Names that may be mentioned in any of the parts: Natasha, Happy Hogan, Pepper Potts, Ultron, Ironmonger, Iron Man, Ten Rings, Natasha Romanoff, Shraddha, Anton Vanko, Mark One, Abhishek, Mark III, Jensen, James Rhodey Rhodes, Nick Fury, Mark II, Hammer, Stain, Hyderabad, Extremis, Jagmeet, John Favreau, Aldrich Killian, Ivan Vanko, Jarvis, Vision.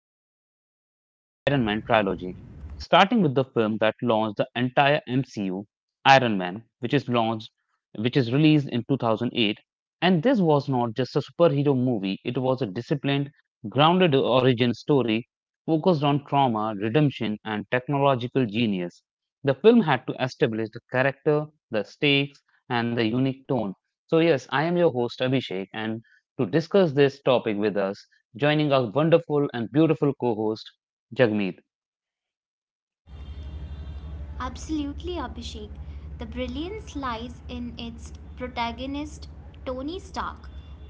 our deep dive into the Iron Man trilogy, starting with the film that launched the entire MCU, Iron Man, which is released in 2008. And this was not just a superhero movie; it was a disciplined, grounded origin story focused on trauma, redemption, and technological genius. The film had to establish the character, the stakes, and the unique tone. So, yes, I am your host, Abhishek, and to discuss this topic with us, joining our wonderful and beautiful co host, Jagmeet. Absolutely, Abhishek. The brilliance lies in its protagonist, Tony Stark,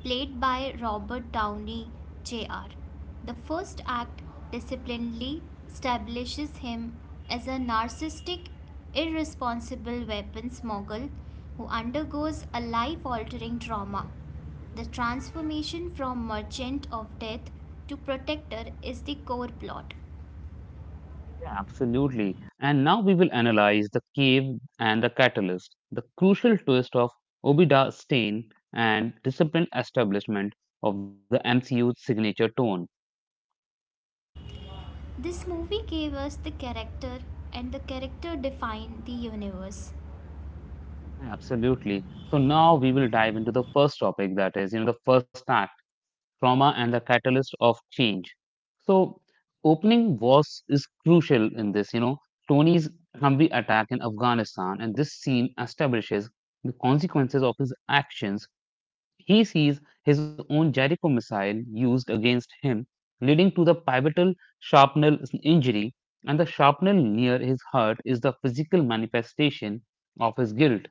played by Robert Downey Jr. The first act disciplinedly establishes him as a narcissistic, irresponsible weapons mogul who undergoes a life altering trauma. The transformation from merchant of death to protector is the core plot. Yeah. Absolutely. And now we will analyze the cave and the catalyst, the crucial twist of Obida Stane and disciplined establishment of the MCU's signature tone. This movie gave us the character, and the character defined the universe. Absolutely. So now we will dive into the first topic, that is, the first act, trauma and the catalyst of change. So, opening was is crucial in this. You know, Tony's Humvee attack in Afghanistan, and this scene establishes the consequences of his actions. He sees his own Jericho missile used against him, leading to the pivotal shrapnel injury, and the shrapnel near his heart is the physical manifestation of his guilt.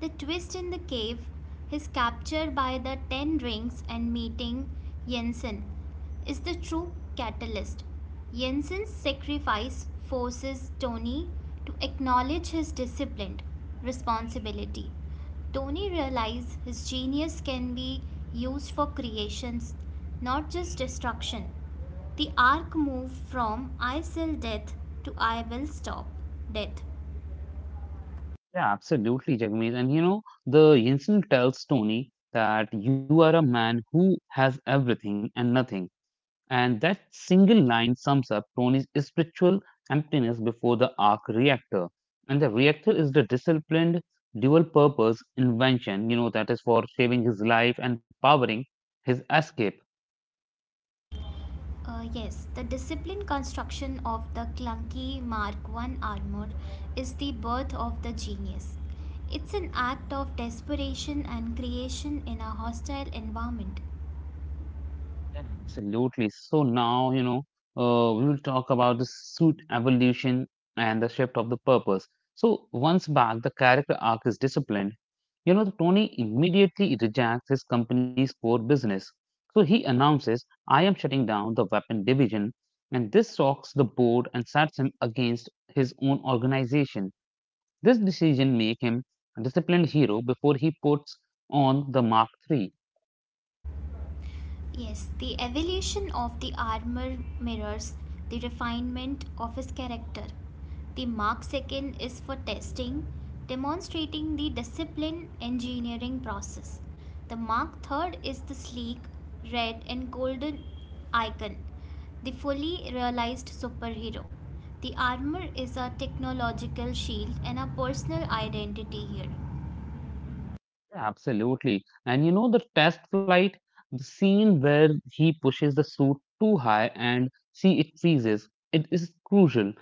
The twist in the cave, his capture by the Ten Rings and meeting Jensen, is the true catalyst. Jensen's sacrifice forces Tony to acknowledge his disciplined responsibility. Tony realizes his genius can be used for creations, not just destruction. The arc moves from I will death to I will stop death. Yeah, absolutely, Jagmeet. And you know, the Yinsen tells Tony that you are a man who has everything and nothing. And that single line sums up Tony's spiritual emptiness before the arc reactor. And the reactor is the disciplined, dual purpose invention, you know, that is for saving his life and powering his escape. Yes, the disciplined construction of the clunky Mark One armor is the birth of the genius. It's an act of desperation and creation in a hostile environment. Absolutely. So now, you know, we will talk about the suit evolution and the shift of the purpose. So once back, the character arc is disciplined. You know, Tony immediately rejects his company's core business. So he announces, I am shutting down the weapon division, and this shocks the board and sets him against his own organization. This decision makes him a disciplined hero before he puts on the Mark III. Yes, the evolution of the armor mirrors the refinement of his character. The Mark II is for testing, demonstrating the discipline engineering process. The Mark III is the sleek, red, and golden icon the fully realized superhero. The armor is a technological shield and a personal identity here. Absolutely. And you know the test flight, the scene where he pushes the suit too high and see it freezes. It is crucial,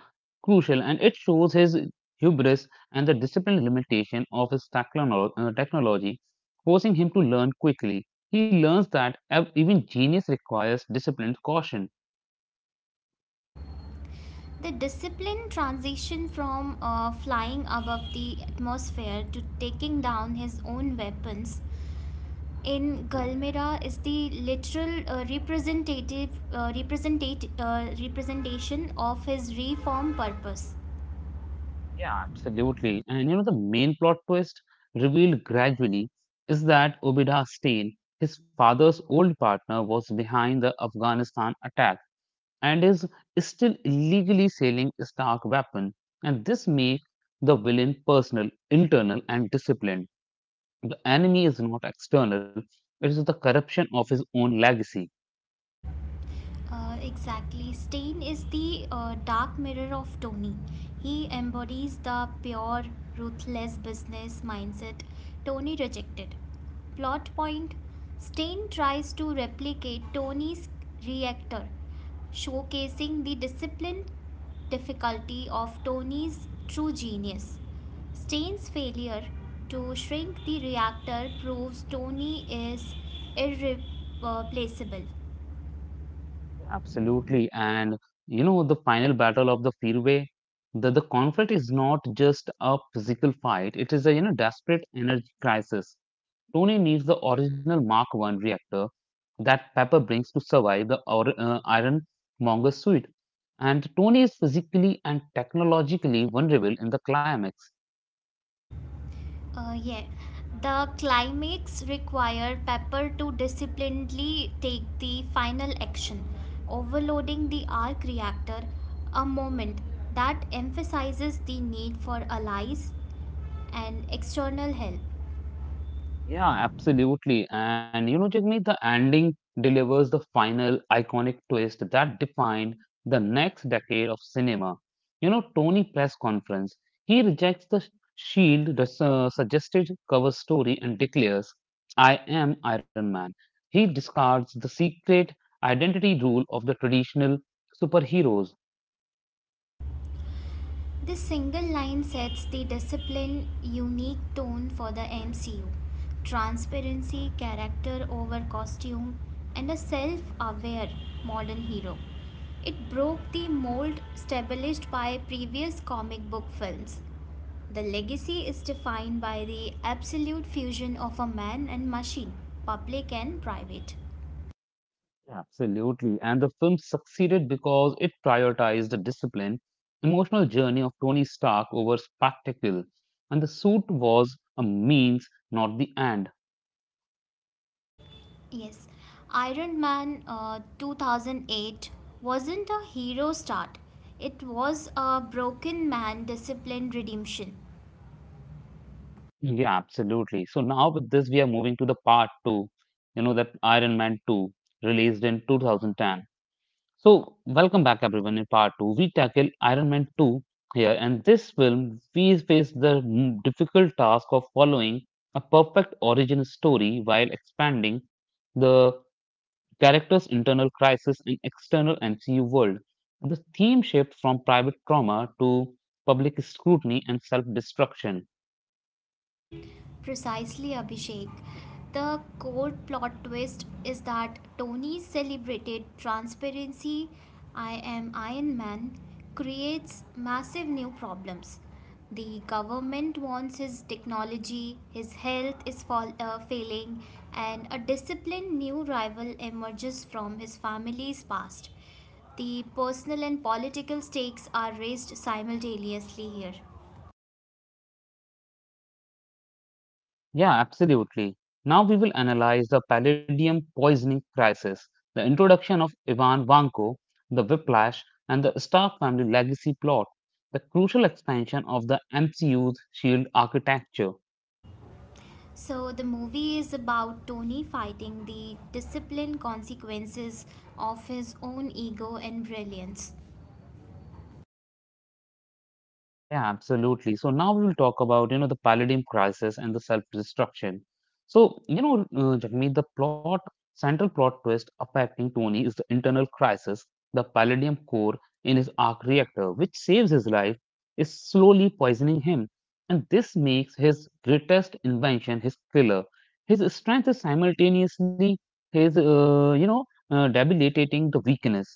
crucial, and it shows his hubris and the disciplined limitation of his technology, forcing him to learn quickly. He learns that even genius requires disciplined caution. The disciplined transition from flying above the atmosphere to taking down his own weapons in Galmira is the literal representation of his reform purpose. Yeah, absolutely. And you know, the main plot twist revealed gradually is that Obida Stain, his father's old partner, was behind the Afghanistan attack and is still illegally selling Stark weapon. And this makes the villain personal, internal, and disciplined. The enemy is not external, it is the corruption of his own legacy. Exactly. Stain is the dark mirror of Tony. He embodies the pure, ruthless business mindset Tony rejected. Plot point Stain tries to replicate Tony's reactor, showcasing the discipline difficulty of Tony's true genius. Stain's failure to shrink the reactor proves Tony is irreplaceable. Absolutely. And you know, the final battle of the freeway, the conflict is not just a physical fight, it is a you know desperate energy crisis. Tony needs the original Mark 1 reactor that Pepper brings to survive the Ironmonger suit. And Tony is physically and technologically vulnerable in the climax. Yeah, the climax require Pepper to disciplinedly take the final action, overloading the arc reactor, a moment that emphasizes the need for allies and external help. Yeah, absolutely. And you know, Jagmeet, the ending delivers the final iconic twist that defined the next decade of cinema. You know, Tony press conference, he rejects the suggested cover story and declares, "I am Iron Man." He discards the secret identity rule of the traditional superheroes. This single line sets the disciplined, unique tone for the MCU. Transparency, character over costume, and a self aware modern hero. It broke the mold established by previous comic book films. The legacy is defined by the absolute fusion of a man and machine, public and private. Absolutely. And the film succeeded because it prioritized the discipline, emotional journey of Tony Stark over spectacle. And the suit was a means, not the end. Yes, Iron Man 2008 wasn't a hero start, it was a broken man disciplined redemption. Yeah, absolutely. So now with this, we are moving to the part two, you know, that Iron Man 2 released in 2010. So, welcome back everyone. In part 2, we tackle Iron Man 2 here, and this film we face the difficult task of following a perfect origin story while expanding the character's internal crisis and external MCU world. The theme shift from private trauma to public scrutiny and self destruction. Precisely, Abhishek. The core plot twist is that Tony's celebrated transparency, I am Iron Man, creates massive new problems. The government wants his technology, his health is failing, and a disciplined new rival emerges from his family's past. The personal and political stakes are raised simultaneously here. Yeah, absolutely. Now we will analyze the palladium poisoning crisis, the introduction of Ivan Vanko, the Whiplash, and the Star Family legacy plot, the crucial expansion of the MCU's shield architecture. So the movie is about Tony fighting the discipline consequences of his own ego and brilliance. Yeah, absolutely. So now we will talk about, you know, the Palladium crisis and the self-destruction. So, Jagmeet, central plot twist affecting Tony is the internal crisis, the Palladium core in his arc reactor, which saves his life, is slowly poisoning him. And this makes his greatest invention his killer. His strength is simultaneously his, debilitating the weakness.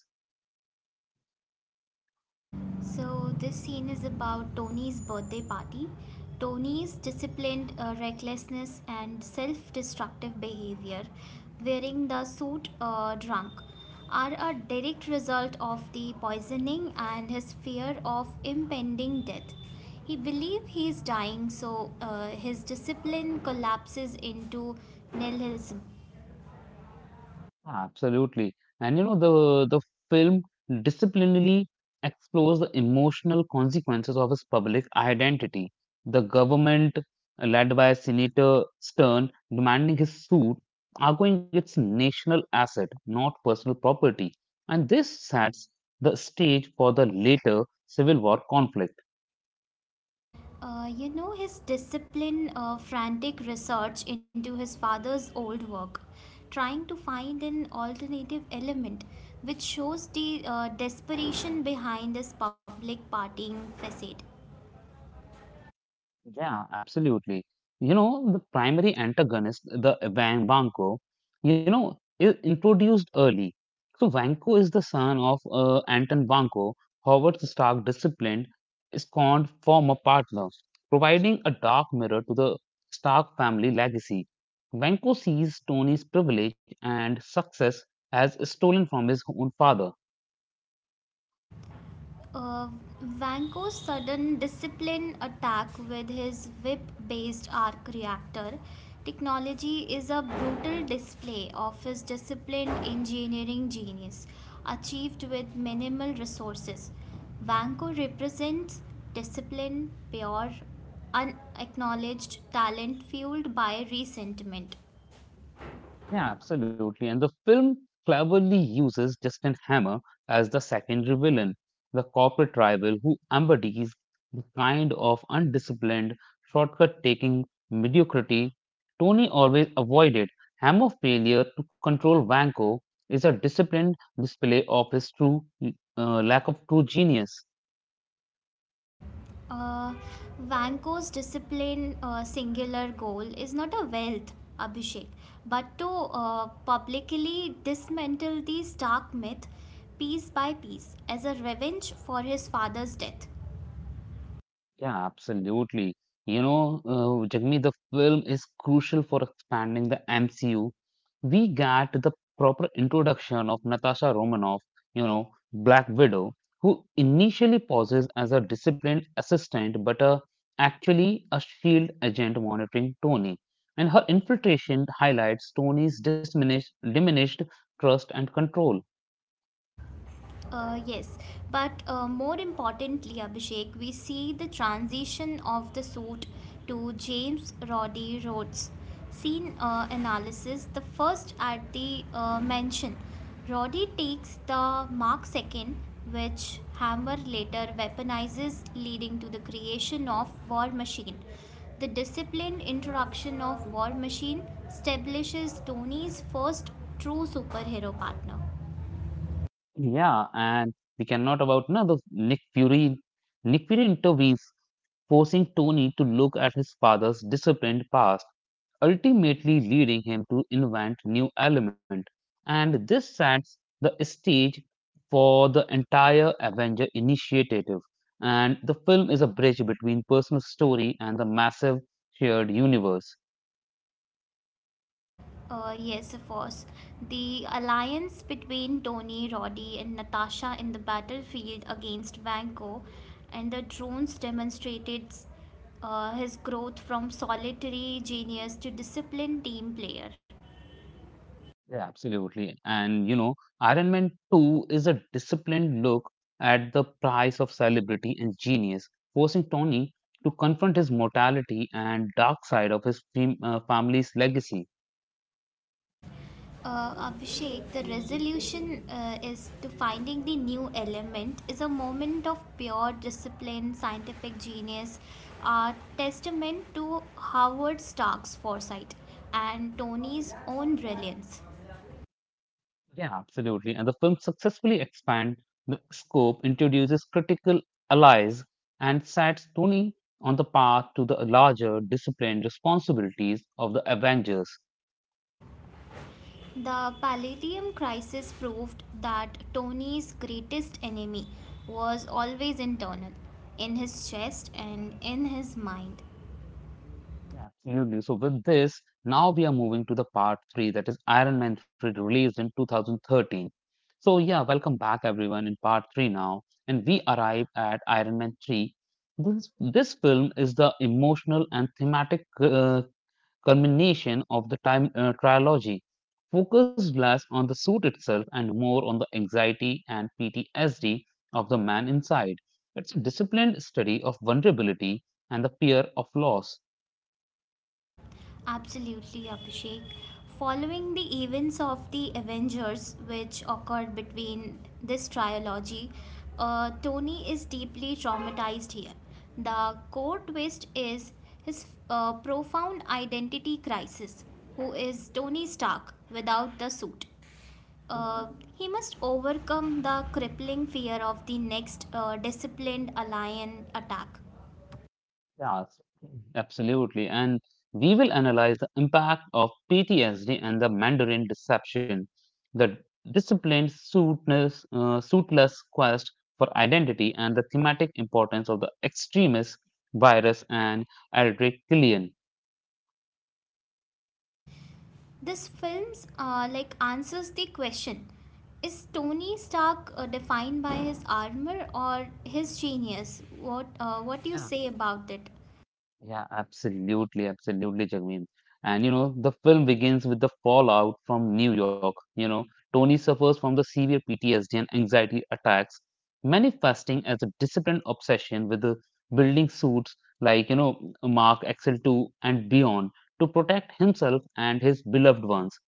So, this scene is about Tony's birthday party. Tony's disciplined recklessness and self destructive behavior, wearing the suit drunk, are a direct result of the poisoning and his fear of impending death. He believes he is dying, so his discipline collapses into nihilism. Absolutely. And you know, the film disciplinarily explores the emotional consequences of his public identity. The government, led by Senator Stern, demanding his suit, arguing it's national asset, not personal property. And this sets the stage for the later civil war conflict. His disciplined, frantic research into his father's old work, trying to find an alternative element, which shows the desperation behind his public partying facade. Yeah, absolutely. You know, the primary antagonist, the Van Vanko, you know, is introduced early. So Vanko is the son of Anton Vanko, Howard's Stark disciplined, scorned former partner, providing a dark mirror to the Stark family legacy. Vanko sees Tony's privilege and success as stolen from his own father. Uh, Vanko's sudden discipline attack with his whip based arc reactor technology is a brutal display of his disciplined engineering genius, achieved with minimal resources. Vanko represents discipline, pure, unacknowledged talent fueled by resentment. Yeah, absolutely. And the film cleverly uses Justin Hammer as the secondary villain, the corporate rival who embodies the kind of undisciplined, shortcut taking mediocrity Tony always avoided. Hammer failure to control Vanko is a disciplined display of his true lack of true genius. Uh, Vanko's discipline singular goal is not a wealth, Abhishek, but to publicly dismantle the stark myth piece by piece as a revenge for his father's death. Yeah, absolutely. Jagmeet, the film is crucial for expanding the MCU. We got the proper introduction of Natasha Romanoff, you know, Black Widow, who initially poses as a disciplined assistant, but actually a shield agent monitoring Tony. And her infiltration highlights Tony's diminished trust and control. Uh, yes, but more importantly, Abhishek, we see the transition of the suit to James Roddy Rhodes. Scene analysis the first at the mansion. Roddy takes the Mark II, which Hammer later weaponizes, leading to the creation of War Machine. The disciplined introduction of War Machine establishes Tony's first true superhero partner. Yeah, and we cannot about no, the Nick Fury. Nick Fury intervenes, forcing Tony to look at his father's disciplined past, ultimately leading him to invent new element. And this sets the stage for the entire Avenger initiative. And the film is a bridge between personal story and the massive shared universe. Yes, of course. The alliance between Tony, Roddy, and Natasha in the battlefield against Vanko and the drones demonstrated his growth from solitary genius to disciplined team player. Yeah, absolutely. And you know, Iron Man 2 is a disciplined look at the price of celebrity and genius, forcing Tony to confront his mortality and dark side of his family's legacy. Abhishek, the resolution is to finding the new element is a moment of pure discipline, scientific genius, a testament to Howard Stark's foresight and Tony's own brilliance. Yeah, absolutely. And the film successfully expands the scope, introduces critical allies, and sets Tony on the path to the larger disciplined responsibilities of the Avengers. The Palladium crisis proved that Tony's greatest enemy was always internal, in his chest and in his mind. Absolutely. So with this, now we are moving to the part three, that is Iron Man 3 released in 2013. So yeah, welcome back everyone in part three now. And we arrive at Iron Man 3. This film is the emotional and thematic culmination of the time trilogy. Focus less on the suit itself and more on the anxiety and PTSD of the man inside. It's a disciplined study of vulnerability and the fear of loss. Absolutely, Abhishek. Following the events of the Avengers, which occurred between this trilogy, Tony is deeply traumatized here. The core twist is his profound identity crisis. Who is Tony Stark without the suit? Uh, he must overcome the crippling fear of the next disciplined alliance attack. Yes, absolutely. And we will analyze the impact of PTSD and the Mandarin deception, the disciplined suitless quest for identity, and the thematic importance of the extremist virus and Aldrich Killian. This film's answers the question: Is Tony Stark defined by his armor or his genius? What do you say about it? Yeah, absolutely, Jagmeet. And you know, the film begins with the fallout from New York. You know, Tony suffers from the severe PTSD and anxiety attacks, manifesting as a disciplined obsession with the building suits like, you know, Mark Excel 2 and beyond to protect himself and his beloved ones.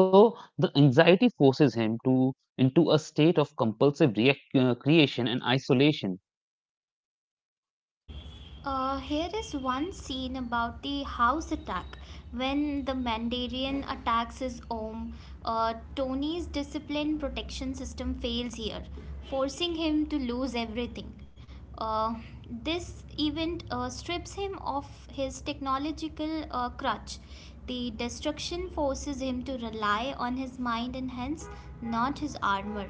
So the anxiety forces him to into a state of compulsive react creation and isolation. Here is one scene about the house attack. When the Mandarin attacks his home, Tony's discipline protection system fails here, forcing him to lose everything. Uh, this event strips him of his technological crutch. The destruction forces him to rely on his mind and hence not his armor.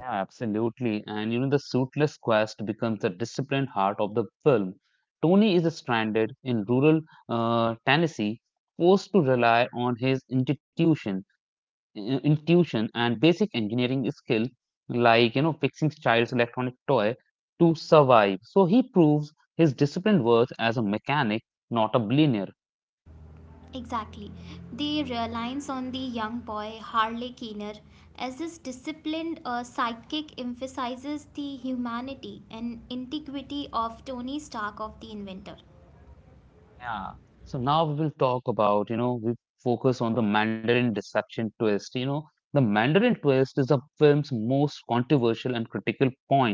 Yeah, absolutely. And you know, the suitless quest becomes the disciplined heart of the film. Tony is stranded in rural Tennessee, forced to rely on his intuition, intuition and basic engineering skill, like you know, fixing child's electronic toy, to survive. So he proves his disciplined worth as a mechanic, not a billionaire. Exactly. The reliance on the young boy Harley Keener as this disciplined sidekick emphasizes the humanity and integrity of Tony Stark of the Inventor. Yeah. So now we will talk about, you know, we focus on the Mandarin Deception twist. You know, the Mandarin twist is the film's most controversial and critical point.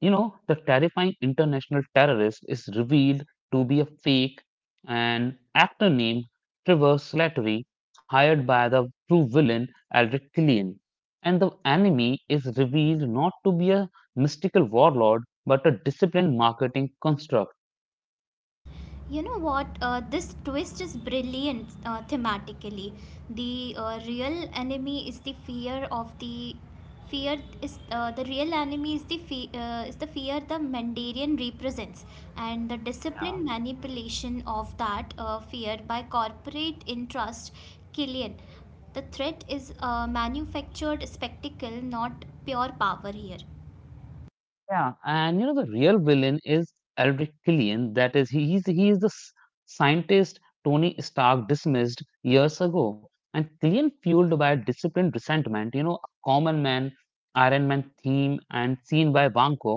You know, the terrifying international terrorist is revealed to be a fake and actor named Trevor Slattery, hired by the true villain Aldrich Killian. And the enemy is revealed not to be a mystical warlord, but a disciplined marketing construct. You know what? This twist is brilliant thematically. The real enemy is the fear of the fear is the real enemy is the fear the Mandarin represents, and the disciplined Yeah. manipulation of that fear by corporate interest Killian. The threat is a manufactured spectacle, not pure power here. Yeah, and you know the real villain is Aldrich Killian. That is, he is the scientist Tony Stark dismissed years ago. And Killian, fueled by disciplined resentment, you know, a common man, Iron Man theme, and seen by Vanko,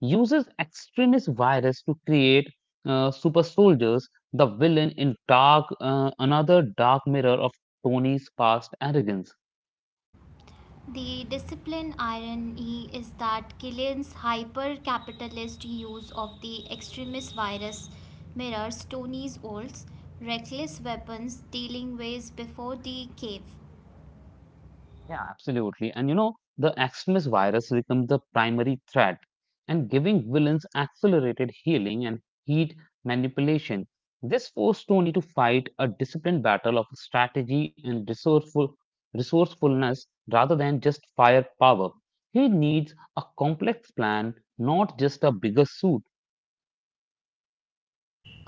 uses extremist virus to create super soldiers. The villain in Dark, another dark mirror of Tony's past arrogance. The discipline irony is that Gillian's hyper capitalist use of the extremist virus mirrors Tony's old, reckless weapons dealing ways before the cave. Yeah, absolutely. And you know, the extremist virus becomes the primary threat and giving villains accelerated healing and heat manipulation. This forced Tony to fight a disciplined battle of strategy and resourcefulness rather than just firepower. He needs a complex plan, not just a bigger suit.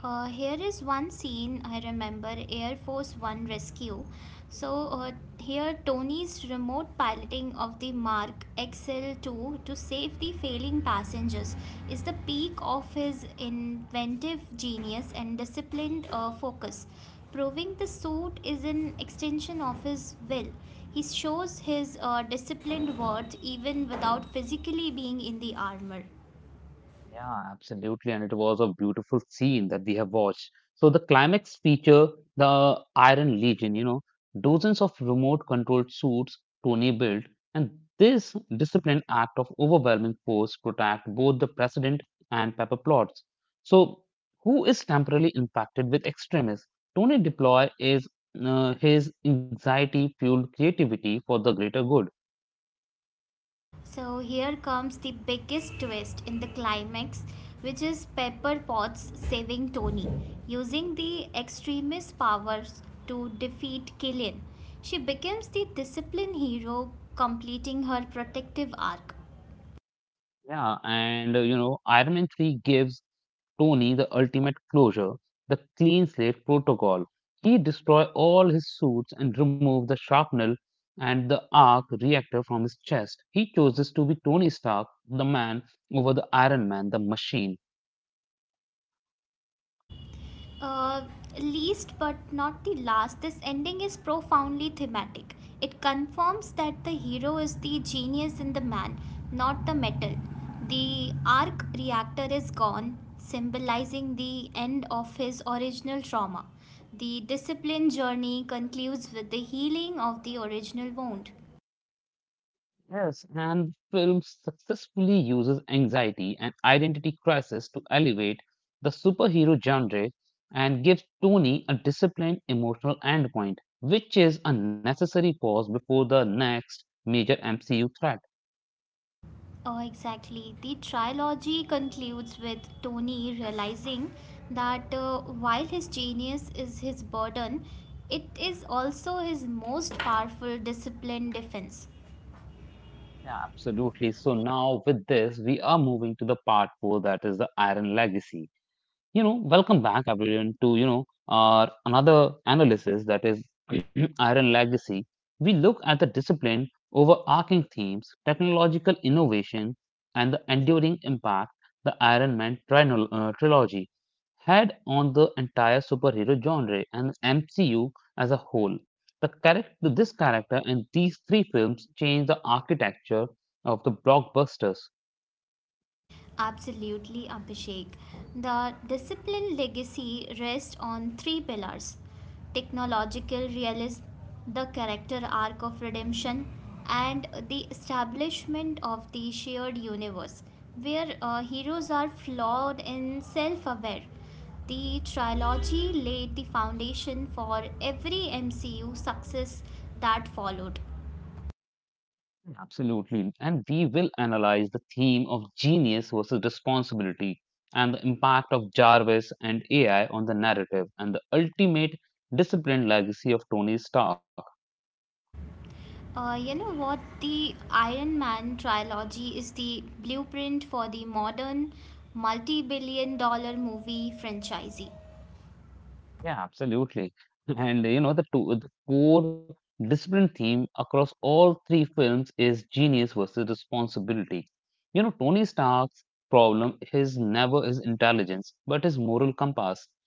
Here is one scene I remember Air Force One rescue. So, uh, Here Tony's remote piloting of the Mark XL2 to save the failing passengers is the peak of his inventive genius and disciplined focus. Proving the suit is an extension of his will. He shows his disciplined worth even without physically being in the armor. Yeah, absolutely. And it was a beautiful scene that we have watched. So the climax feature, the Iron Legion, you know, dozens of remote controlled suits Tony built, and this disciplined act of overwhelming force protect both the president and Pepper Plots. So who is temporarily infected with extremism? Tony deploy is his anxiety fueled creativity for the greater good. So here comes the biggest twist in the climax, which is Pepper Potts saving Tony, using the extremist powers to defeat Killian. She becomes the discipline hero, completing her protective arc. Yeah, and you know, Iron Man 3 gives Tony the ultimate closure, the clean slate protocol. He destroyed all his suits and removed the shrapnel and the arc reactor from his chest. He chooses to be Tony Stark, the man, over the Iron Man, the machine. Uh, Least but not the last, this ending is profoundly thematic. It confirms that the hero is the genius in the man, not the metal. The arc reactor is gone, symbolizing the end of his original trauma. The discipline journey concludes with the healing of the original wound. Yes, and the film successfully uses anxiety and identity crisis to elevate the superhero genre and gives Tony a disciplined emotional endpoint, which is a necessary pause before the next major MCU threat. Oh, exactly. The trilogy concludes with Tony realizing that while his genius is his burden, it is also his most powerful discipline defense. Yeah, absolutely. So now with this, we are moving to the part four, that is the Iron Legacy. You know, welcome back everyone to, you know, our another analysis that is Iron Legacy. We look at the discipline, overarching themes, technological innovation, and the enduring impact the Iron Man trilogy had on the entire superhero genre and MCU as a whole. The character, this character in these three films changed the architecture of the blockbusters. Absolutely, Abhishek. The discipline legacy rests on three pillars technological realism, the character arc of redemption, and the establishment of the shared universe, where heroes are flawed and self aware. The trilogy laid the foundation for every MCU success that followed. Absolutely. And we will analyze the theme of genius versus responsibility and the impact of Jarvis and AI on the narrative and the ultimate disciplined legacy of Tony Stark. You know what? The Iron Man trilogy is the blueprint for the modern multi billion-dollar movie franchise. Yeah, absolutely. And you know, the core discipline theme across all three films is genius versus responsibility. You know, Tony Stark's problem is never his intelligence, but his moral compass.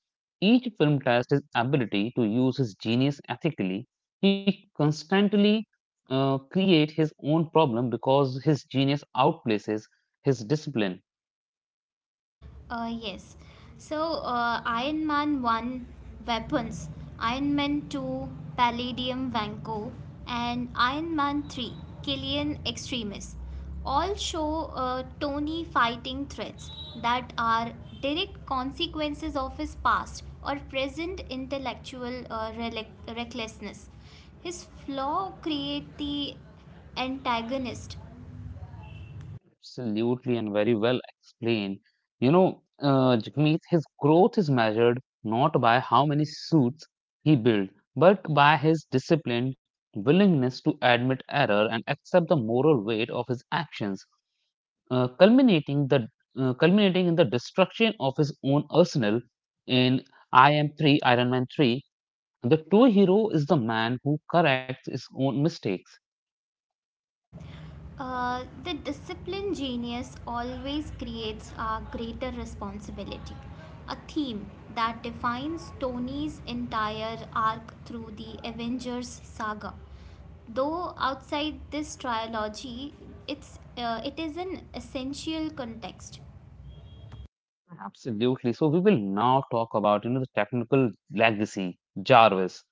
Each film tests his ability to use his genius ethically. He constantly creates his own problem because his genius outplaces his discipline. Yes. Iron Man 1 weapons, Iron Man 2 Palladium Vanco, and Iron Man 3 Killian Extremis all show Tony fighting threats that are direct consequences of his past or present intellectual recklessness. His flaw create the antagonist. Absolutely, and very well explained. You know, Jagmeet, his growth is measured not by how many suits he built, but by his disciplined willingness to admit error and accept the moral weight of his actions, uh, culminating the culminating in the destruction of his own arsenal in I Am 3 Iron Man 3. The true hero is the man who corrects his own mistakes. The disciplined genius always creates a greater responsibility, a theme that defines Tony's entire arc through the Avengers saga. Though outside this trilogy, it is an essential context. Absolutely. So we will now talk about, you know, the technical legacy, Jarvis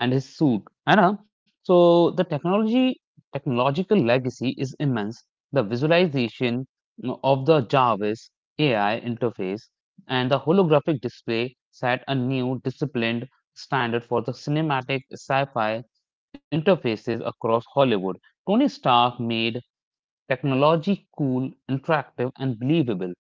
and his suit. And so the technology technological legacy is immense. The visualization, you know, of the Jarvis AI interface, and the holographic display set a new disciplined standard for the cinematic sci-fi interfaces across Hollywood. Tony Stark made technology cool, interactive, and believable.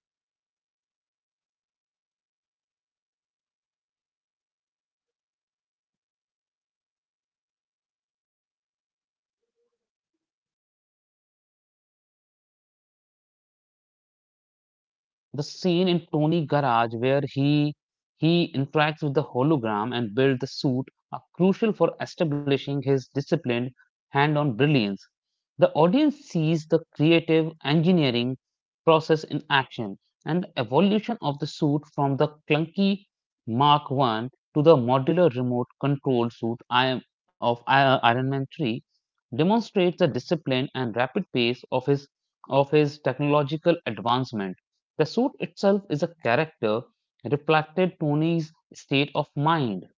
The scene in Tony Garage where he interacts with the hologram and builds the suit are crucial for establishing his disciplined hand-on brilliance. The audience sees the creative engineering process in action, and the evolution of the suit from the clunky Mark 1 to the modular remote control suit I am of I- Iron Man 3 demonstrates the discipline and rapid pace of his technological advancement. The suit itself is a character reflected Tony's state of mind.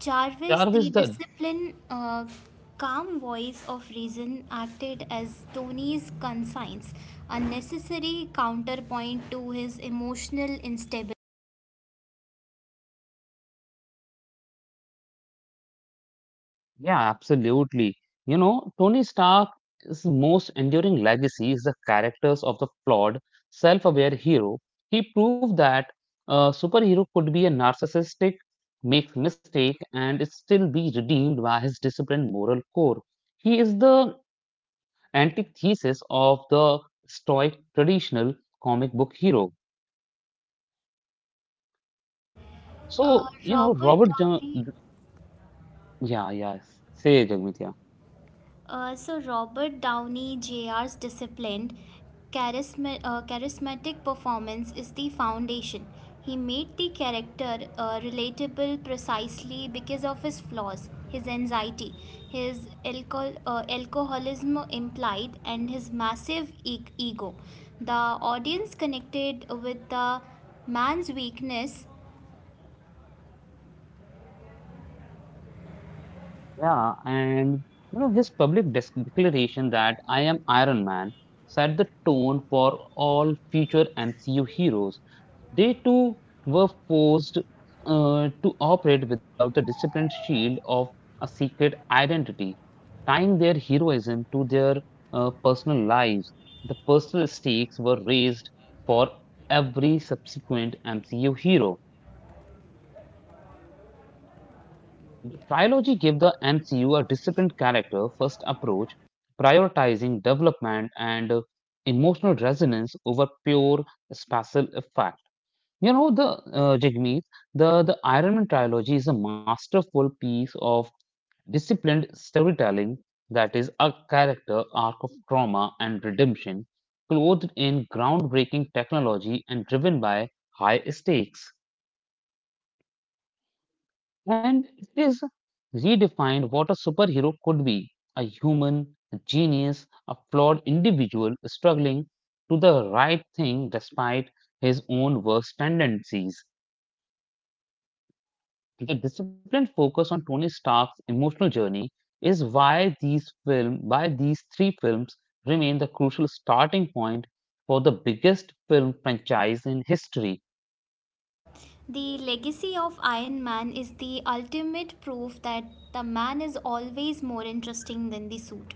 Jarvis, Jarvis the the disciplined, calm voice of reason, acted as Tony's conscience, a necessary counterpoint to his emotional instability. Yeah, absolutely. You know, Tony Stark's most enduring legacy is the characters of the flawed, self-aware hero. He proved that a superhero could be a narcissistic, make mistake, and still be redeemed by his disciplined moral core. He is the antithesis of the stoic traditional comic book hero. Uh, So, you know, Robert Downey, yeah, yeah, say Jagmeet, yeah. Robert Downey Jr.'s disciplined, charismatic performance is the foundation. He made the character relatable precisely because of his flaws, his anxiety, his alcoholism implied, and his massive ego. The audience connected with the man's weakness. Yeah, and you know his declaration that I am Iron Man set the tone for all future MCU heroes. They too were forced to operate without the disciplined shield of a secret identity, tying their heroism to their personal lives. The personal stakes were raised for every subsequent MCU hero. The trilogy gave the MCU a disciplined character first approach, prioritizing development and emotional resonance over pure spatial effect. You know, the Jagmeet, the Iron Man trilogy is a masterful piece of disciplined storytelling that is a character arc of trauma and redemption, clothed in groundbreaking technology and driven by high stakes. And it is redefined what a superhero could be, a human, a genius, a flawed individual struggling to the right thing despite his own worst tendencies. The disciplined focus on Tony Stark's emotional journey is why these film why these three films remain the crucial starting point for the biggest film franchise in history. The legacy of Iron Man is the ultimate proof that the man is always more interesting than the suit.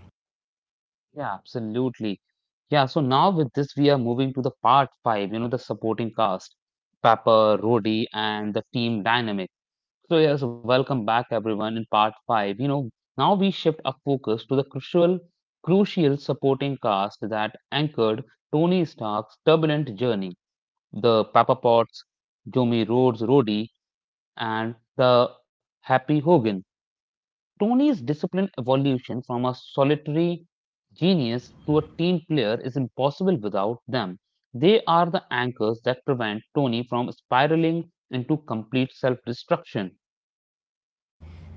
Yeah, absolutely. Yeah, so now with this, we are moving to the part five, you know, the supporting cast, Pepper, Rhodey, and the team dynamic. So, yes, welcome back, everyone, in part five. You know, now we shift our focus to the crucial supporting cast that anchored Tony Stark's turbulent journey. The Pepper Potts, Jimmy Rhodes, Rhodey, and the Happy Hogan. Tony's discipline evolution from a solitary genius to a team player is impossible without them. They are the anchors that prevent Tony from spiraling into complete self destruction.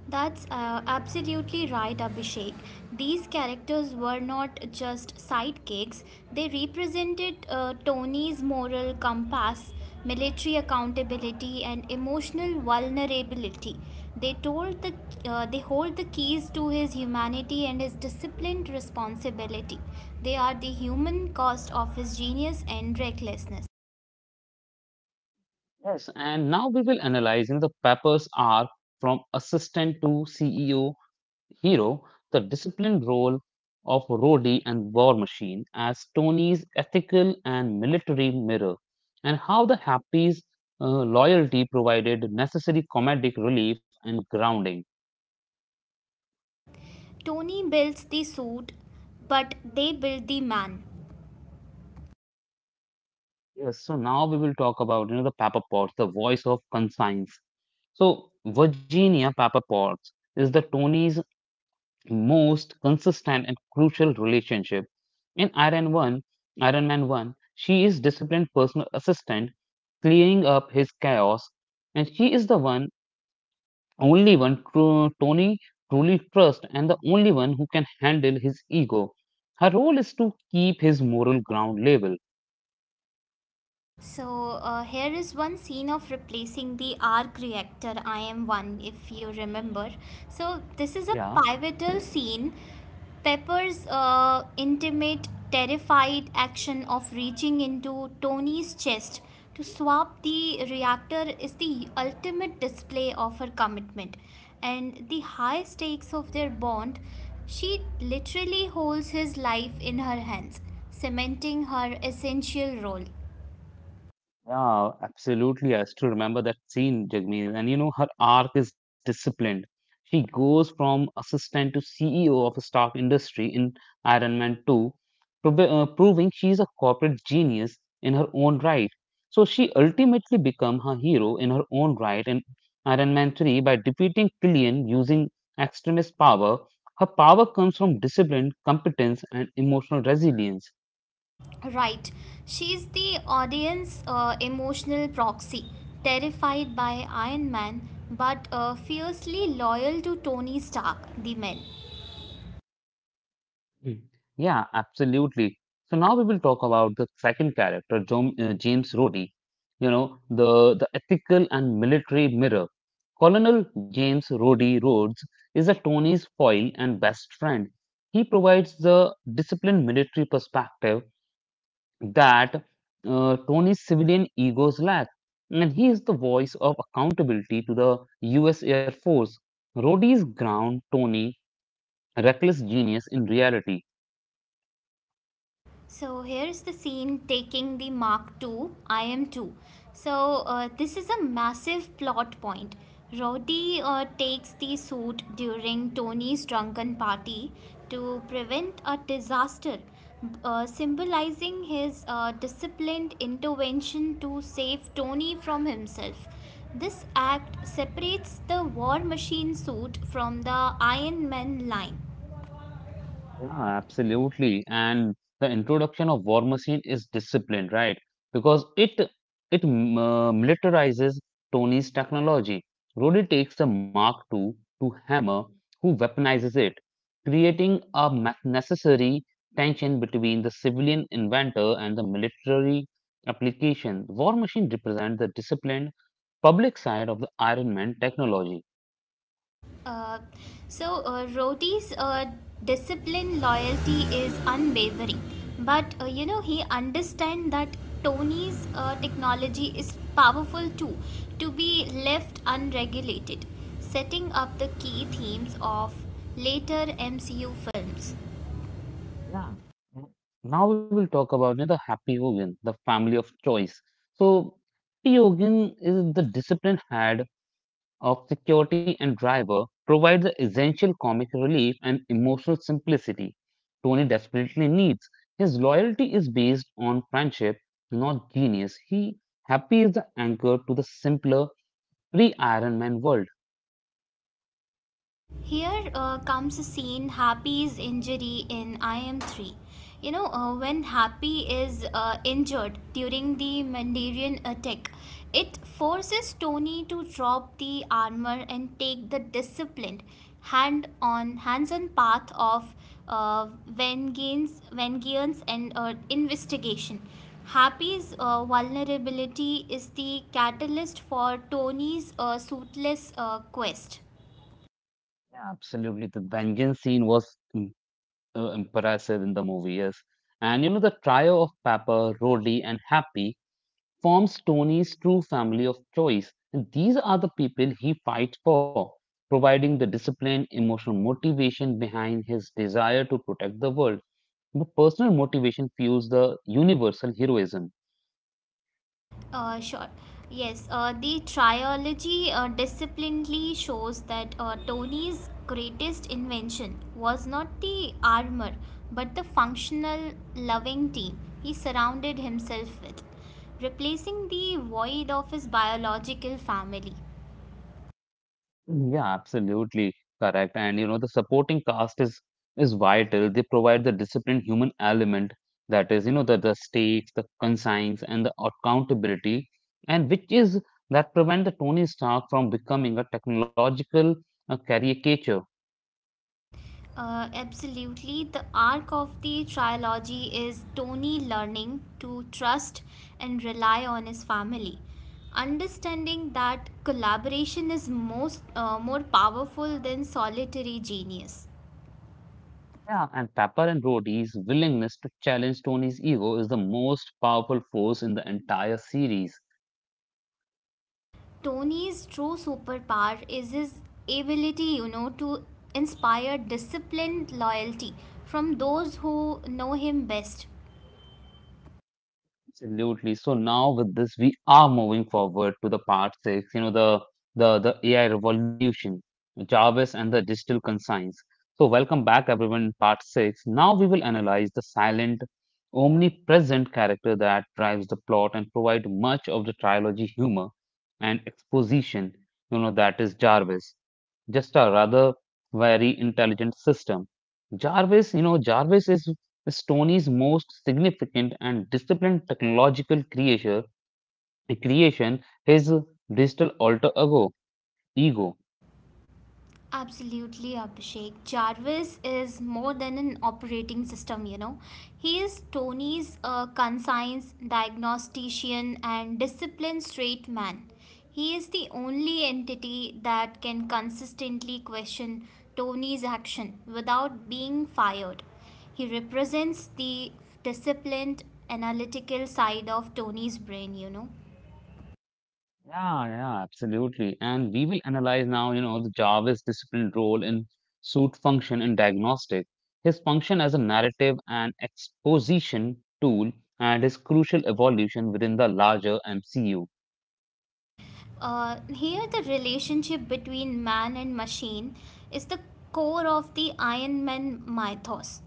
That's absolutely right, Abhishek. These characters were not just sidekicks, they represented Tony's moral compass, military accountability, and emotional vulnerability. They, told the, they hold the keys to his humanity and his disciplined responsibility. They are the human cost of his genius and recklessness. Yes, and now we will analyzing the Peppers arc from assistant to CEO hero, the disciplined role of Rhodey and War Machine as Tony's ethical and military mirror, and how the Happy's loyalty provided necessary comedic relief and grounding. Tony builds the suit, but they build the man. Yes, so now we will talk about you know the Pepper Potts, the voice of conscience. So Virginia Pepper Potts is the Tony's most consistent and crucial relationship. In Iron Man One, she is disciplined personal assistant, clearing up his chaos, and she is only one Tony truly trusts, and the only one who can handle his ego. Her role is to keep his moral ground level. Here is one scene of replacing the arc reactor IM-1 if you remember. So this is a Yeah. pivotal scene. Pepper's intimate, terrified action of reaching into Tony's chest to swap the reactor is the ultimate display of her commitment and the high stakes of their bond. She literally holds his life in her hands, cementing her essential role. Yeah, absolutely. I still remember that scene, Jagmeet. And you know, her arc is disciplined. She goes from assistant to CEO of a Stark Industry in Iron Man 2, proving she's a corporate genius in her own right. So she ultimately become her hero in her own right in Iron Man 3 by defeating Killian using extremist power. Her power comes from discipline, competence, and emotional resilience. Right. She's the audience emotional proxy, terrified by Iron Man but fiercely loyal to Tony Stark, the man. Mm. Yeah, absolutely. So now we will talk about the second character, James Rhodey. You know, the ethical and military mirror. Colonel James Rhodey Rhodes is a Tony's foil and best friend. He provides the disciplined military perspective that Tony's civilian egos lack, and he is the voice of accountability to the U.S. Air Force. Rhodey's ground Tony reckless genius in reality. So here's the scene taking the Mark II, IM2. This is a massive plot point. Roddy takes the suit during Tony's drunken party to prevent a disaster, symbolizing his disciplined intervention to save Tony from himself. This act separates the War Machine suit from the Iron Man line. Yeah, absolutely. And the introduction of war machine is discipline, right? Because it militarizes Tony's technology. Rhodey takes the Mark II to Hammer, who weaponizes it, creating a necessary tension between the civilian inventor and the military application. War machine represents the disciplined public side of the Iron Man technology. Uh, Rhodey's discipline loyalty is unwavering, but you know he understands that Tony's technology is powerful too, to be left unregulated, setting up the key themes of later MCU films. Yeah. Mm. Now we will talk about, you know, the happy Yogan, the family of choice. So, happy Yogan is the disciplined head of security and driver, provides the essential comic relief and emotional simplicity Tony desperately needs. His loyalty is based on friendship, not genius. He happy is the anchor to the simpler pre Iron Man world. Here comes a scene, Happy's injury in IM3. You know, when Happy is injured during the Mandarin attack, it forces Tony to drop the armor and take the disciplined hands on path of vengeance and investigation. Happy's vulnerability is the catalyst for Tony's suitless quest. Yeah, absolutely, the vengeance scene was impressive in the movie, yes. And you know, the trio of Pepper, Rodley, and Happy forms Tony's true family of choice. And these are the people he fights for, providing the discipline, emotional motivation behind his desire to protect the world. The personal motivation fuels the universal heroism. Sure. Yes, the trilogy disciplinedly shows that Tony's greatest invention was not the armor but the functional, loving team he surrounded himself with, replacing the void of his biological family. Yeah, absolutely correct. And you know, the supporting cast is vital. They provide the disciplined human element that is, you know, the stakes, the conscience, and the accountability, and which is that prevent the Tony Stark from becoming a technological caricature. Absolutely. The arc of the trilogy is Tony learning to trust and rely on his family, understanding that collaboration is most more powerful than solitary genius. Yeah, and Pepper and Rhodey's willingness to challenge Tony's ego is the most powerful force in the entire series. Tony's true superpower is his ability, you know, to inspire disciplined loyalty from those who know him best. Absolutely. So now with this, we are moving forward to the part six, you know, the AI revolution, Jarvis and the digital conscience. So welcome back everyone part six. Now we will analyze the silent, omnipresent character that drives the plot and provide much of the trilogy humor and exposition, you know, that is Jarvis. Just a rather very intelligent system. Jarvis, you know, Jarvis is Stoney's most significant and disciplined technological creation is digital alter ego. Ego. Absolutely, Abhishek. Jarvis is more than an operating system, you know. He is Tony's conscience, diagnostician, and disciplined straight man. He is the only entity that can consistently question Tony's action without being fired. He represents the disciplined, analytical side of Tony's brain, you know. Yeah, yeah, absolutely. And we will analyze now, you know, the Jarvis disciplined role in suit function in diagnostic. His function as a narrative and exposition tool and his crucial evolution within the larger MCU. Here, the relationship between man and machine is the core of the Iron Man mythos.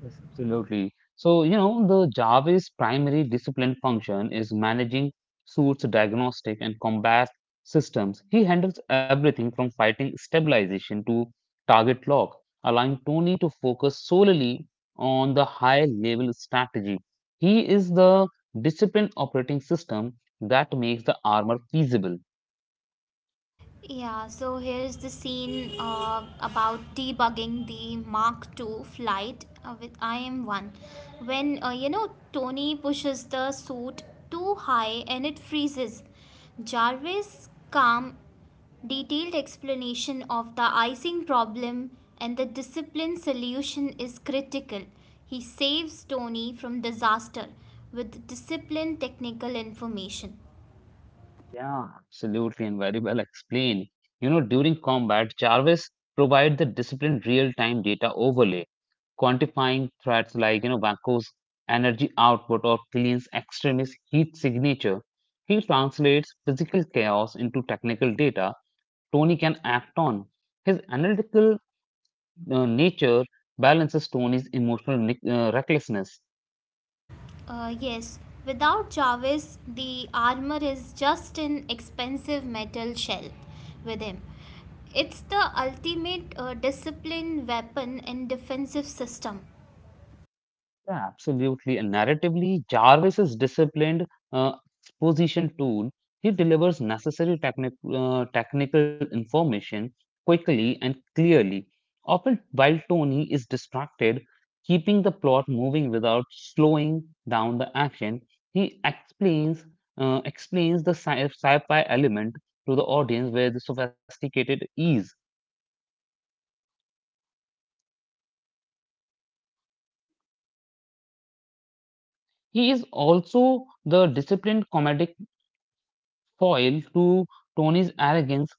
Yes, absolutely. So, you know, the Java's primary discipline function is managing suits, diagnostic, and combat systems. He handles everything from fighting stabilization to target lock, allowing Tony to focus solely on the high level strategy. He is the discipline operating system that makes the armor feasible. Yeah, so here's the scene about debugging the Mark II flight with IM-1. When you know, Tony pushes the suit too high and it freezes. Jarvis' calm, detailed explanation of the icing problem and the discipline solution is critical. He saves Tony from disaster with discipline technical information. Yeah, absolutely, and very well explained. You know, during combat, Jarvis provide the disciplined real-time data overlay, quantifying threats like, you know, Vanco's energy output or Killian's extremist heat signature. He translates physical chaos into technical data Tony can act on. His analytical nature balances Tony's emotional recklessness. Yes, without Jarvis, the armor is just an expensive metal shell. With him, it's the ultimate discipline weapon and defensive system. Yeah, absolutely. And narratively, Jarvis is disciplined uh, exposition tool. He delivers necessary technical information quickly and clearly, often while Tony is distracted, keeping the plot moving without slowing down the action. He explains explains the sci-fi element to the audience with sophisticated ease. He is also the disciplined comedic foil to Tony's arrogance.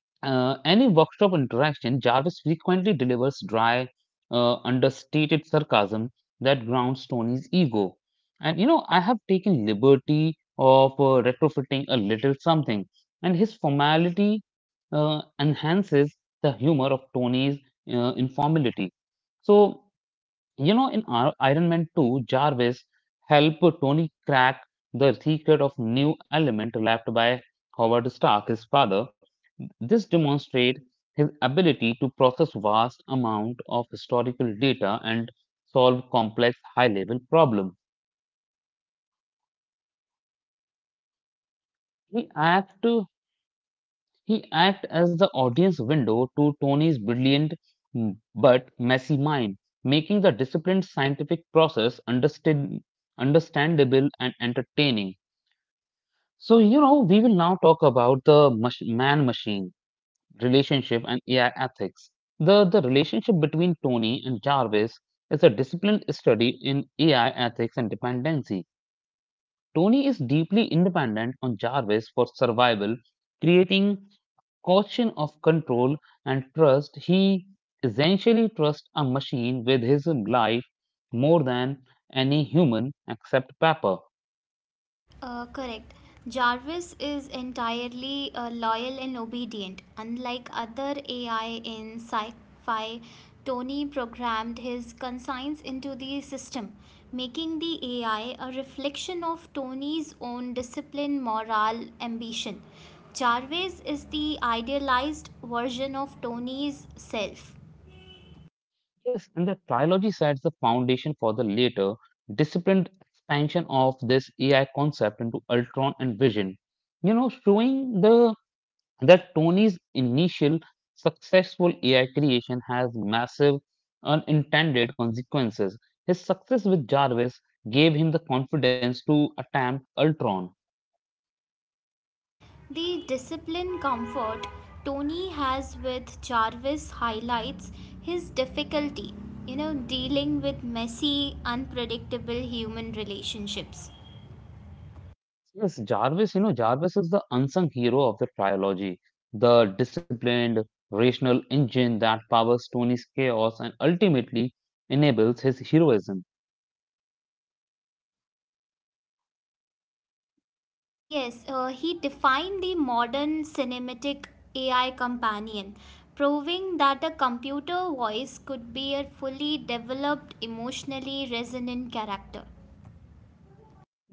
Any workshop interaction, Jarvis frequently delivers dry, understated sarcasm that grounds Tony's ego. And I have taken liberty of retrofitting a little something, and his formality enhances the humor of Tony's informality. So in Iron Man 2, Jarvis helped Tony crack the secret of new element left by Howard Stark, his father. This demonstrates his ability to process vast amount of historical data and solve complex high-level problem. He act to he act as the audience window to Tony's brilliant, but messy mind, making the disciplined scientific process understandable and entertaining. So, we will now talk about the man-machine relationship and AI ethics. The relationship between Tony and Jarvis is a disciplined study in AI ethics and dependency. Tony is deeply independent on Jarvis for survival, creating a caution of control and trust. He essentially trusts a machine with his life more than any human except Pepper. Correct. Jarvis is entirely loyal and obedient. Unlike other AI in sci fi, Tony programmed his conscience into the system, making the AI a reflection of Tony's own discipline, moral, ambition. Jarvis is the idealized version of Tony's self. Yes, and the trilogy sets the foundation for the later disciplined expansion of this AI concept into Ultron and Vision. You know, showing the that Tony's initial successful AI creation has massive unintended consequences. His success with Jarvis gave him the confidence to attempt Ultron. The discipline comfort Tony has with Jarvis highlights his difficulty, you know, dealing with messy, unpredictable human relationships. Yes, Jarvis, Jarvis is the unsung hero of the trilogy, the disciplined, rational engine that powers Tony's chaos and ultimately enables his heroism. Yes, he defined the modern cinematic AI companion, proving that a computer voice could be a fully developed, emotionally resonant character.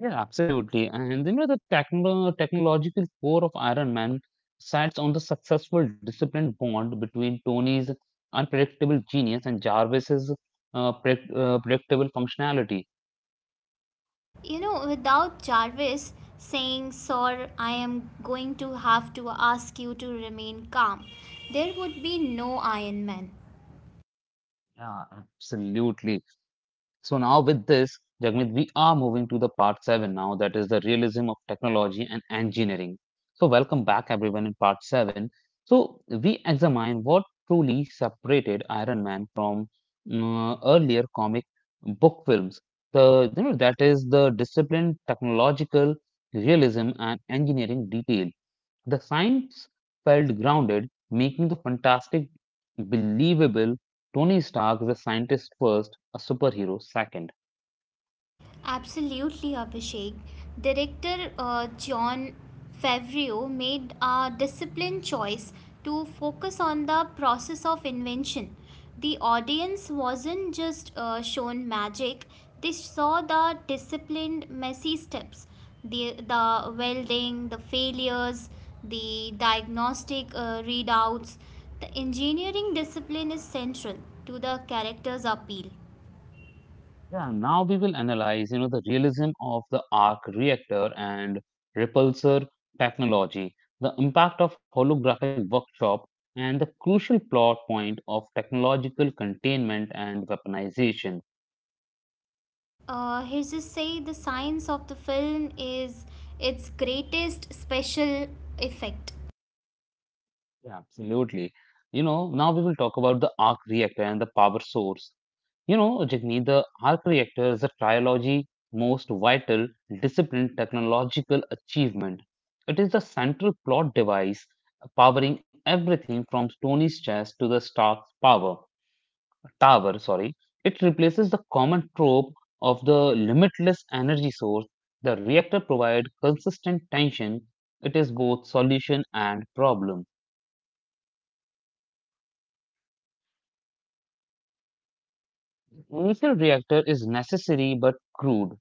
Yeah, absolutely. And the technological core of Iron Man sides on the successful disciplined bond between Tony's unpredictable genius and Jarvis's predictable functionality. You know, without Jarvis saying, "Sir, I am going to have to ask you to remain calm," there would be no Iron Man. Yeah, absolutely. So now with this, Jagmeet, we are moving to the part seven now, that is the realism of technology and engineering. So welcome back everyone in part seven. So we examine what truly separated Iron Man from earlier comic book films. The you know That is the disciplined technological realism and engineering detail. The science felt grounded, making the fantastic believable. Tony Stark is a scientist first, a superhero second. Absolutely, Abhishek. Director John Favreau made a disciplined choice to focus on the process of invention. The audience wasn't just shown magic, they saw the disciplined, messy steps, the welding, the failures, the diagnostic readouts. The engineering discipline is central to the character's appeal. Yeah, now we will analyze, the realism of the arc reactor and repulsor technology, the impact of holographic workshop, and the crucial plot point of technological containment and weaponization. He just say the science of the film is its greatest special effect. Yeah, absolutely. Now we will talk about the arc reactor and the power source. Jagmeet, the arc reactor is a trilogy most vital discipline technological achievement. It is the central plot device powering everything from Tony's chest to the Stark's power tower. Sorry, it replaces the common trope of the limitless energy source. The reactor provides consistent tension. It is both solution and problem. Initial reactor is necessary but crude.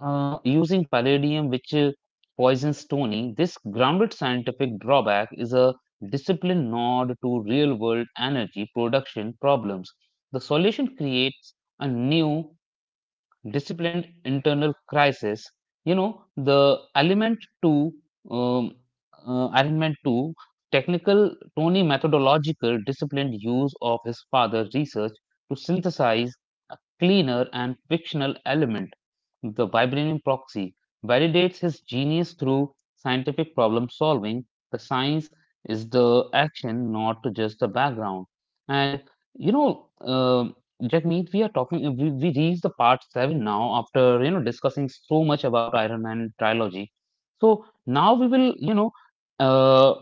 Using palladium, which poisons Tony, this grounded scientific drawback is a disciplined nod to real world energy production problems. The solution creates a new disciplined internal crisis. The element to um, element to technical Tony methodological disciplined use of his father's research to synthesize a cleaner and fictional element, the vibranium proxy, validates his genius through scientific problem solving. The science is the action, not just the background. And you know. um that means we are talking. We reach the part seven now after discussing so much about Iron Man trilogy. So now we will uh,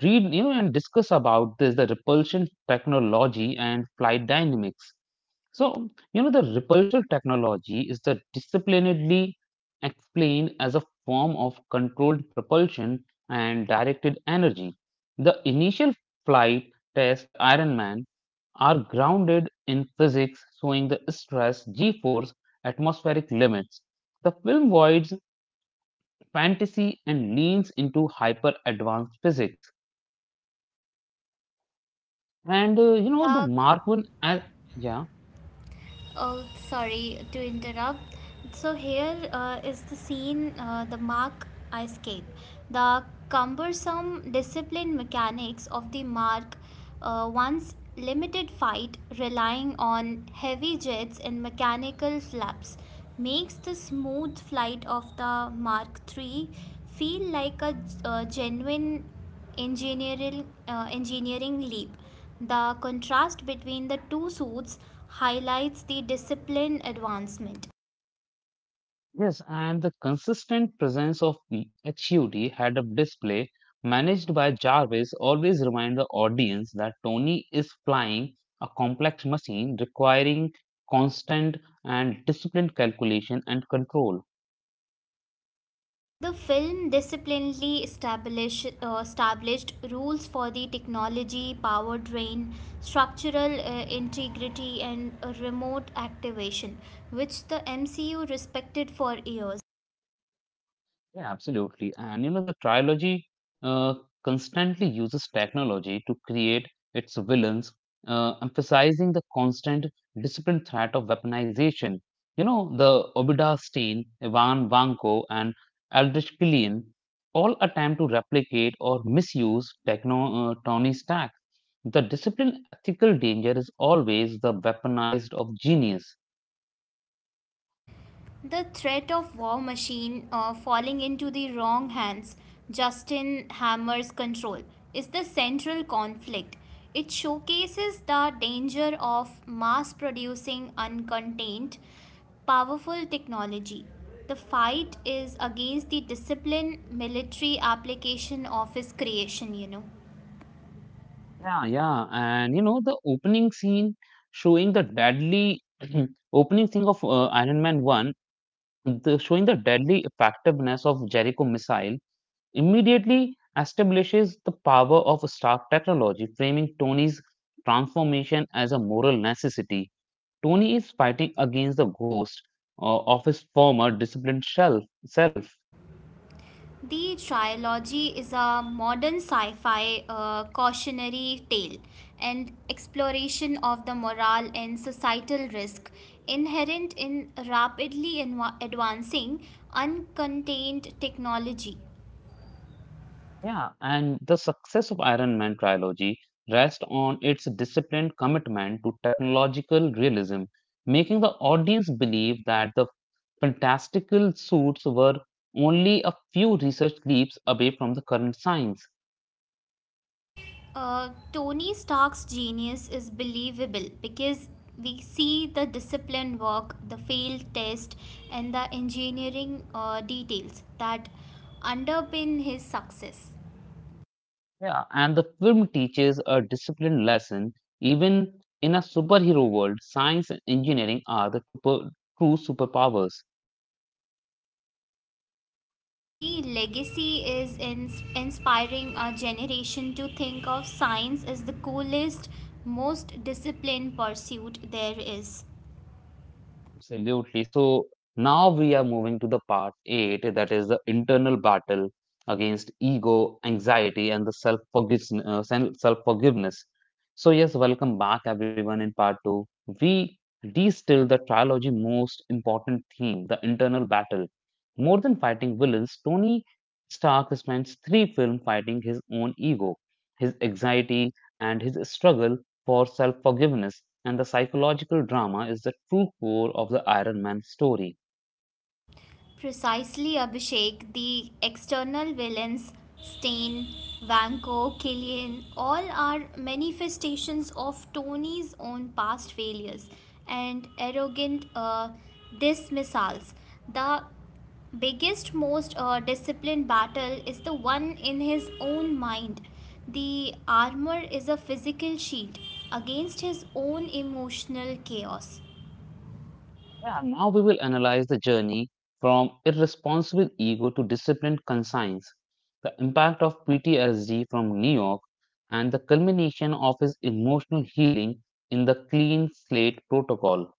read and discuss about this the repulsion technology and flight dynamics. So the repulsion technology is the disciplinedly explained as a form of controlled propulsion and directed energy. The initial flight test Iron Man are grounded in physics, showing the stress, g force, atmospheric limits. The film voids fantasy and leans into hyper advanced physics. And the The Mark 1, and yeah, Oh, sorry to interrupt. So here is the scene, the Mark escape. The cumbersome discipline mechanics of the Mark once limited fight, relying on heavy jets and mechanical flaps, makes the smooth flight of the Mark Three feel like a genuine engineering leap. The contrast between the two suits highlights the discipline advancement. yes, and the consistent presence of HUD head up display managed by Jarvis always remind the audience that Tony is flying a complex machine requiring constant and disciplined calculation and control. The film disciplinedly established rules for the technology, powertrain, structural integrity, and remote activation, which the MCU respected for years. Yeah, absolutely. And the trilogy uh, constantly uses technology to create its villains, emphasizing the constant disciplined threat of weaponization. The Obadiah Stane, Ivan Vanko, and Aldrich Killian all attempt to replicate or misuse Tony Stark. The disciplined ethical danger is always the weaponized of genius. The threat of War Machine falling into the wrong hands, Justin Hammer's control, is the central conflict. It showcases the danger of mass producing uncontained, powerful technology. The fight is against the disciplined military application of his creation, you know. Yeah, yeah, and the opening scene showing the deadly opening scene of Iron Man One, showing the deadly effectiveness of Jericho missile, immediately establishes the power of Stark technology, framing Tony's transformation as a moral necessity. Tony is fighting against the ghost of his former disciplined self. The trilogy is a modern sci fi cautionary tale and exploration of the moral and societal risk inherent in rapidly advancing uncontained technology. Yeah, and the success of Iron Man trilogy rests on its disciplined commitment to technological realism, making the audience believe that the fantastical suits were only a few research leaps away from the current science. Tony Stark's genius is believable because we see the disciplined work, the failed test, and the engineering details that underpin his success. Yeah, and the film teaches a disciplined lesson. Even in a superhero world, science and engineering are the true superpowers. The legacy is in inspiring a generation to think of science as the coolest, most disciplined pursuit there is. Absolutely. So now we are moving to the part eight, that is the internal battle against ego, anxiety, and the self forgiveness. Self forgiveness. So yes, welcome back everyone. In part two, we distill the trilogy most important theme, the internal battle. More than fighting villains, Tony Stark spends three films fighting his own ego, his anxiety, and his struggle for self forgiveness, and the psychological drama is the true core of the Iron Man story. Precisely, Abhishek. The external villains, Stain, Vanko, Killian, all are manifestations of Tony's own past failures and arrogant dismissals. The biggest, most disciplined battle is the one in his own mind. The armor is a physical shield against his own emotional chaos. Yeah, now we will analyze the journey from irresponsible ego to disciplined conscience, the impact of PTSD from New York, and the culmination of his emotional healing in the Clean Slate Protocol.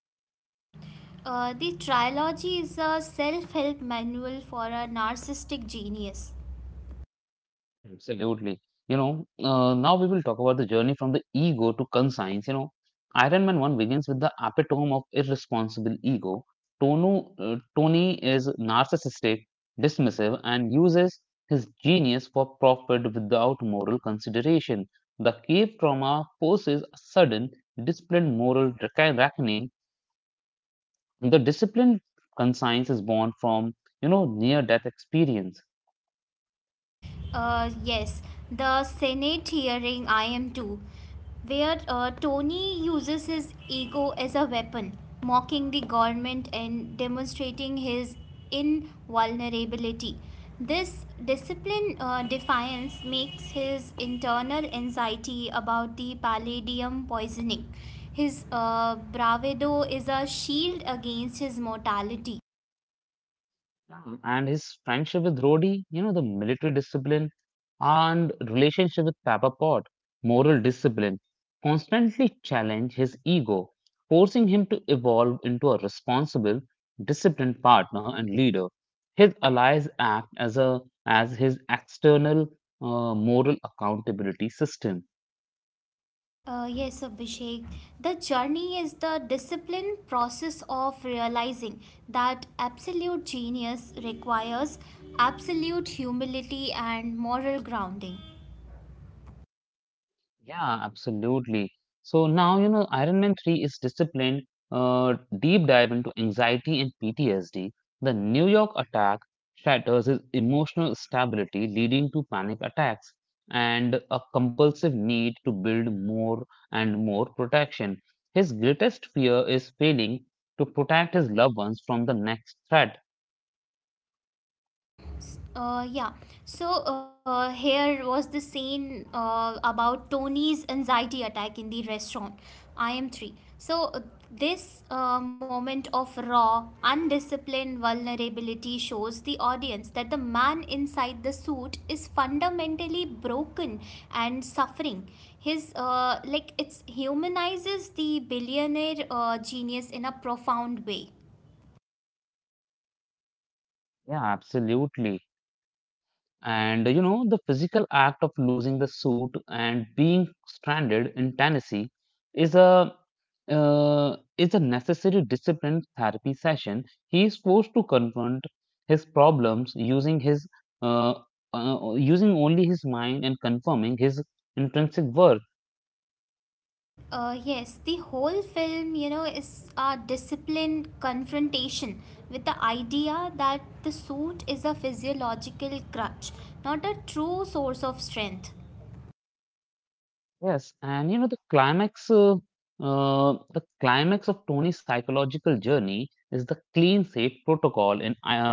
The trilogy is a self help manual for a narcissistic genius. Absolutely. Now we will talk about the journey from the ego to conscience. Iron Man 1 begins with the epitome of irresponsible ego. Tony is narcissistic, dismissive, and uses his genius for profit without moral consideration. The cave trauma forces a sudden, disciplined moral reckoning. The disciplined conscience is born from, near-death experience. Yes, the Senate hearing I am too, where Tony uses his ego as a weapon, mocking the government and demonstrating his invulnerability. This discipline defiance makes his internal anxiety about the palladium poisoning. His bravado is a shield against his mortality. Mm, and his friendship with Rhodey, the military discipline and relationship with Pepper Pot, moral discipline, constantly challenge his ego, forcing him to evolve into a responsible, disciplined partner and leader. His allies act as a as his external moral accountability system. Yes, Abhishek. The journey is the disciplined process of realizing that absolute genius requires absolute humility and moral grounding. Yeah, absolutely. So now, Iron Man 3 is disciplined uh, deep dive into anxiety and PTSD. The New York attack shatters his emotional stability, leading to panic attacks and a compulsive need to build more and more protection. His greatest fear is failing to protect his loved ones from the next threat. Yeah. So here was the scene about Tony's anxiety attack in the restaurant. I am three. So this moment of raw, undisciplined vulnerability shows the audience that the man inside the suit is fundamentally broken and suffering. His like it's humanizes the billionaire genius in a profound way. Yeah, absolutely. And the physical act of losing the suit and being stranded in Tennessee is a is a necessary discipline therapy session. He is forced to confront his problems using his uh, using only his mind and confirming his intrinsic worth. Yes, the whole film, you know, is a disciplined confrontation with the idea that the suit is a physiological crutch, not a true source of strength. Yes, and the the climax of Tony's psychological journey is the clean safe protocol in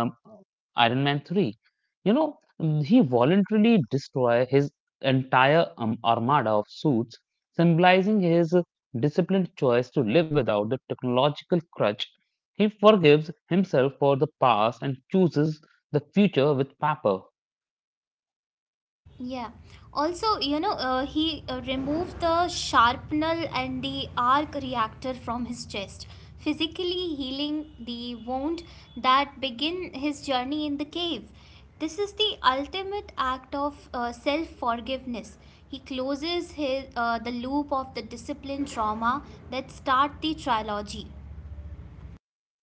Iron Man three. He voluntarily destroy his entire armada of suits, symbolizing his disciplined choice to live without the technological crutch. He forgives himself for the past and chooses the future with paper. Yeah. Also, you know, he removed the sharpnel and the arc reactor from his chest, physically healing the wound that began his journey in the cave. This is the ultimate act of self forgiveness. He closes the loop of the discipline trauma that start the trilogy.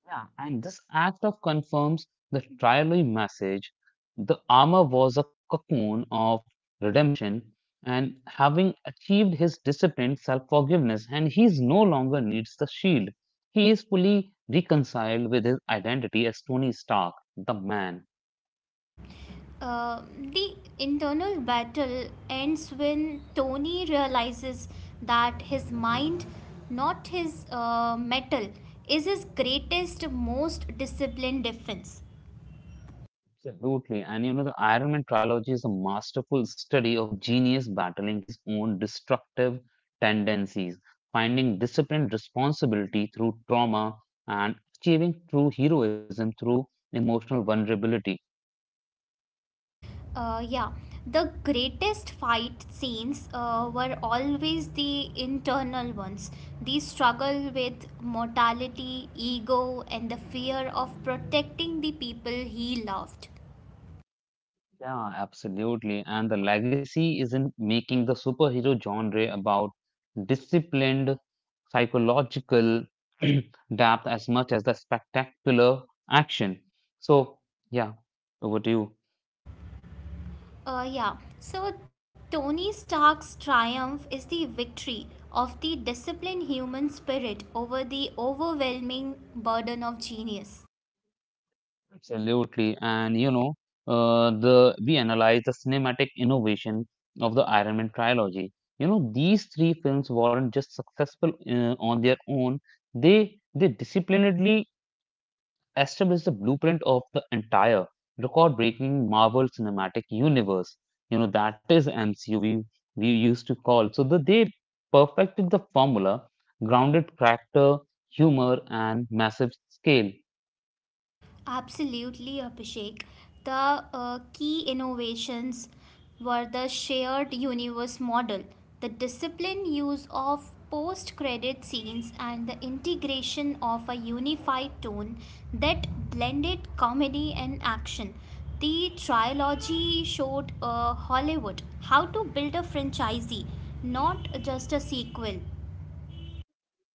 Yeah, and this act of confirms the trial message. The armor was a cocoon of redemption, and having achieved his disciplined self forgiveness, and he is no longer needs the shield. He is fully reconciled with his identity as Tony Stark, the man. Uh, the internal battle ends when Tony realizes that his mind, not his metal, is his greatest, most disciplined defense. Absolutely. And the Iron Man trilogy is a masterful study of genius battling his own destructive tendencies, finding disciplined responsibility through trauma, and achieving true heroism through emotional vulnerability. Yeah, the greatest fight scenes were always the internal ones. The struggle with mortality, ego, and the fear of protecting the people he loved. Yeah, absolutely. And the legacy is in making the superhero genre about disciplined psychological depth as much as the spectacular action. So, yeah, over to you. Yeah. So Tony Stark's triumph is the victory of the disciplined human spirit over the overwhelming burden of genius. Absolutely. And you know, the we analyze the cinematic innovation of the Iron Man trilogy. These three films weren't just successful on their own. They disciplinedly established the blueprint of the entire record-breaking Marvel Cinematic Universe. That is MCU we used to call. So they perfected the formula, grounded character, humor, and massive scale. Absolutely, Abhishek. The key innovations were the shared universe model, the disciplined use of post credit scenes, and the integration of a unified tone that blended comedy and action. The trilogy showed Hollywood how to build a franchisee, not just a sequel.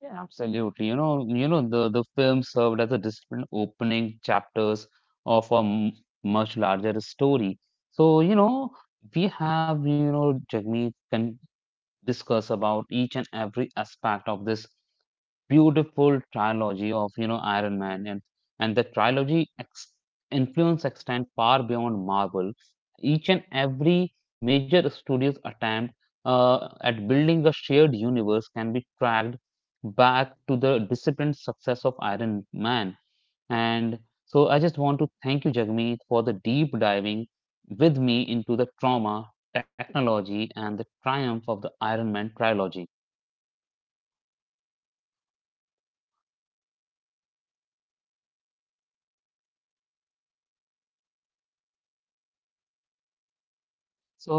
Yeah, absolutely. The film served as a disciplined opening chapters of much larger story. So, we have, Jagmeet can discuss about each and every aspect of this beautiful trilogy of Iron Man, and and the trilogy ex- influence extend far beyond Marvel. Each and every major studio's attempt at building a shared universe can be tracked back to the disciplined success of Iron Man. And so I just want to thank you, Jagmeet, for the deep diving with me into the trauma, technology, and the triumph of the Iron Man trilogy.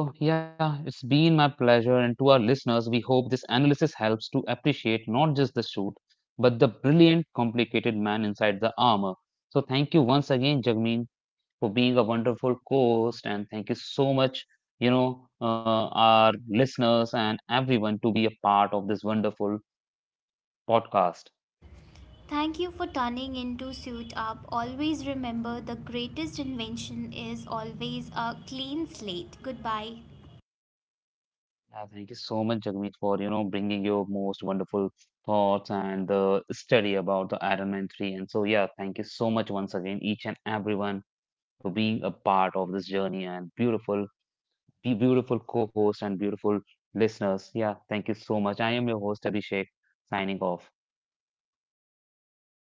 So, yeah, it's been my pleasure. And to our listeners, we hope this analysis helps to appreciate not just the suit, but the brilliant, complicated man inside the armor. So, thank you once again, Jagmeen, for being a wonderful co host. And thank you so much, you know, uh, our listeners and everyone to be a part of this wonderful podcast. Thank you for turning into suit up. Always remember, the greatest invention is always a clean slate. Goodbye. Yeah, thank you so much, Jagmeet, for bringing your most wonderful thoughts and the study about the Iron Man 3. And so, yeah, thank you so much once again, each and everyone, for being a part of this journey and beautiful, be beautiful co-host and beautiful listeners. Yeah, thank you so much. I am your host, Abhishek, signing off.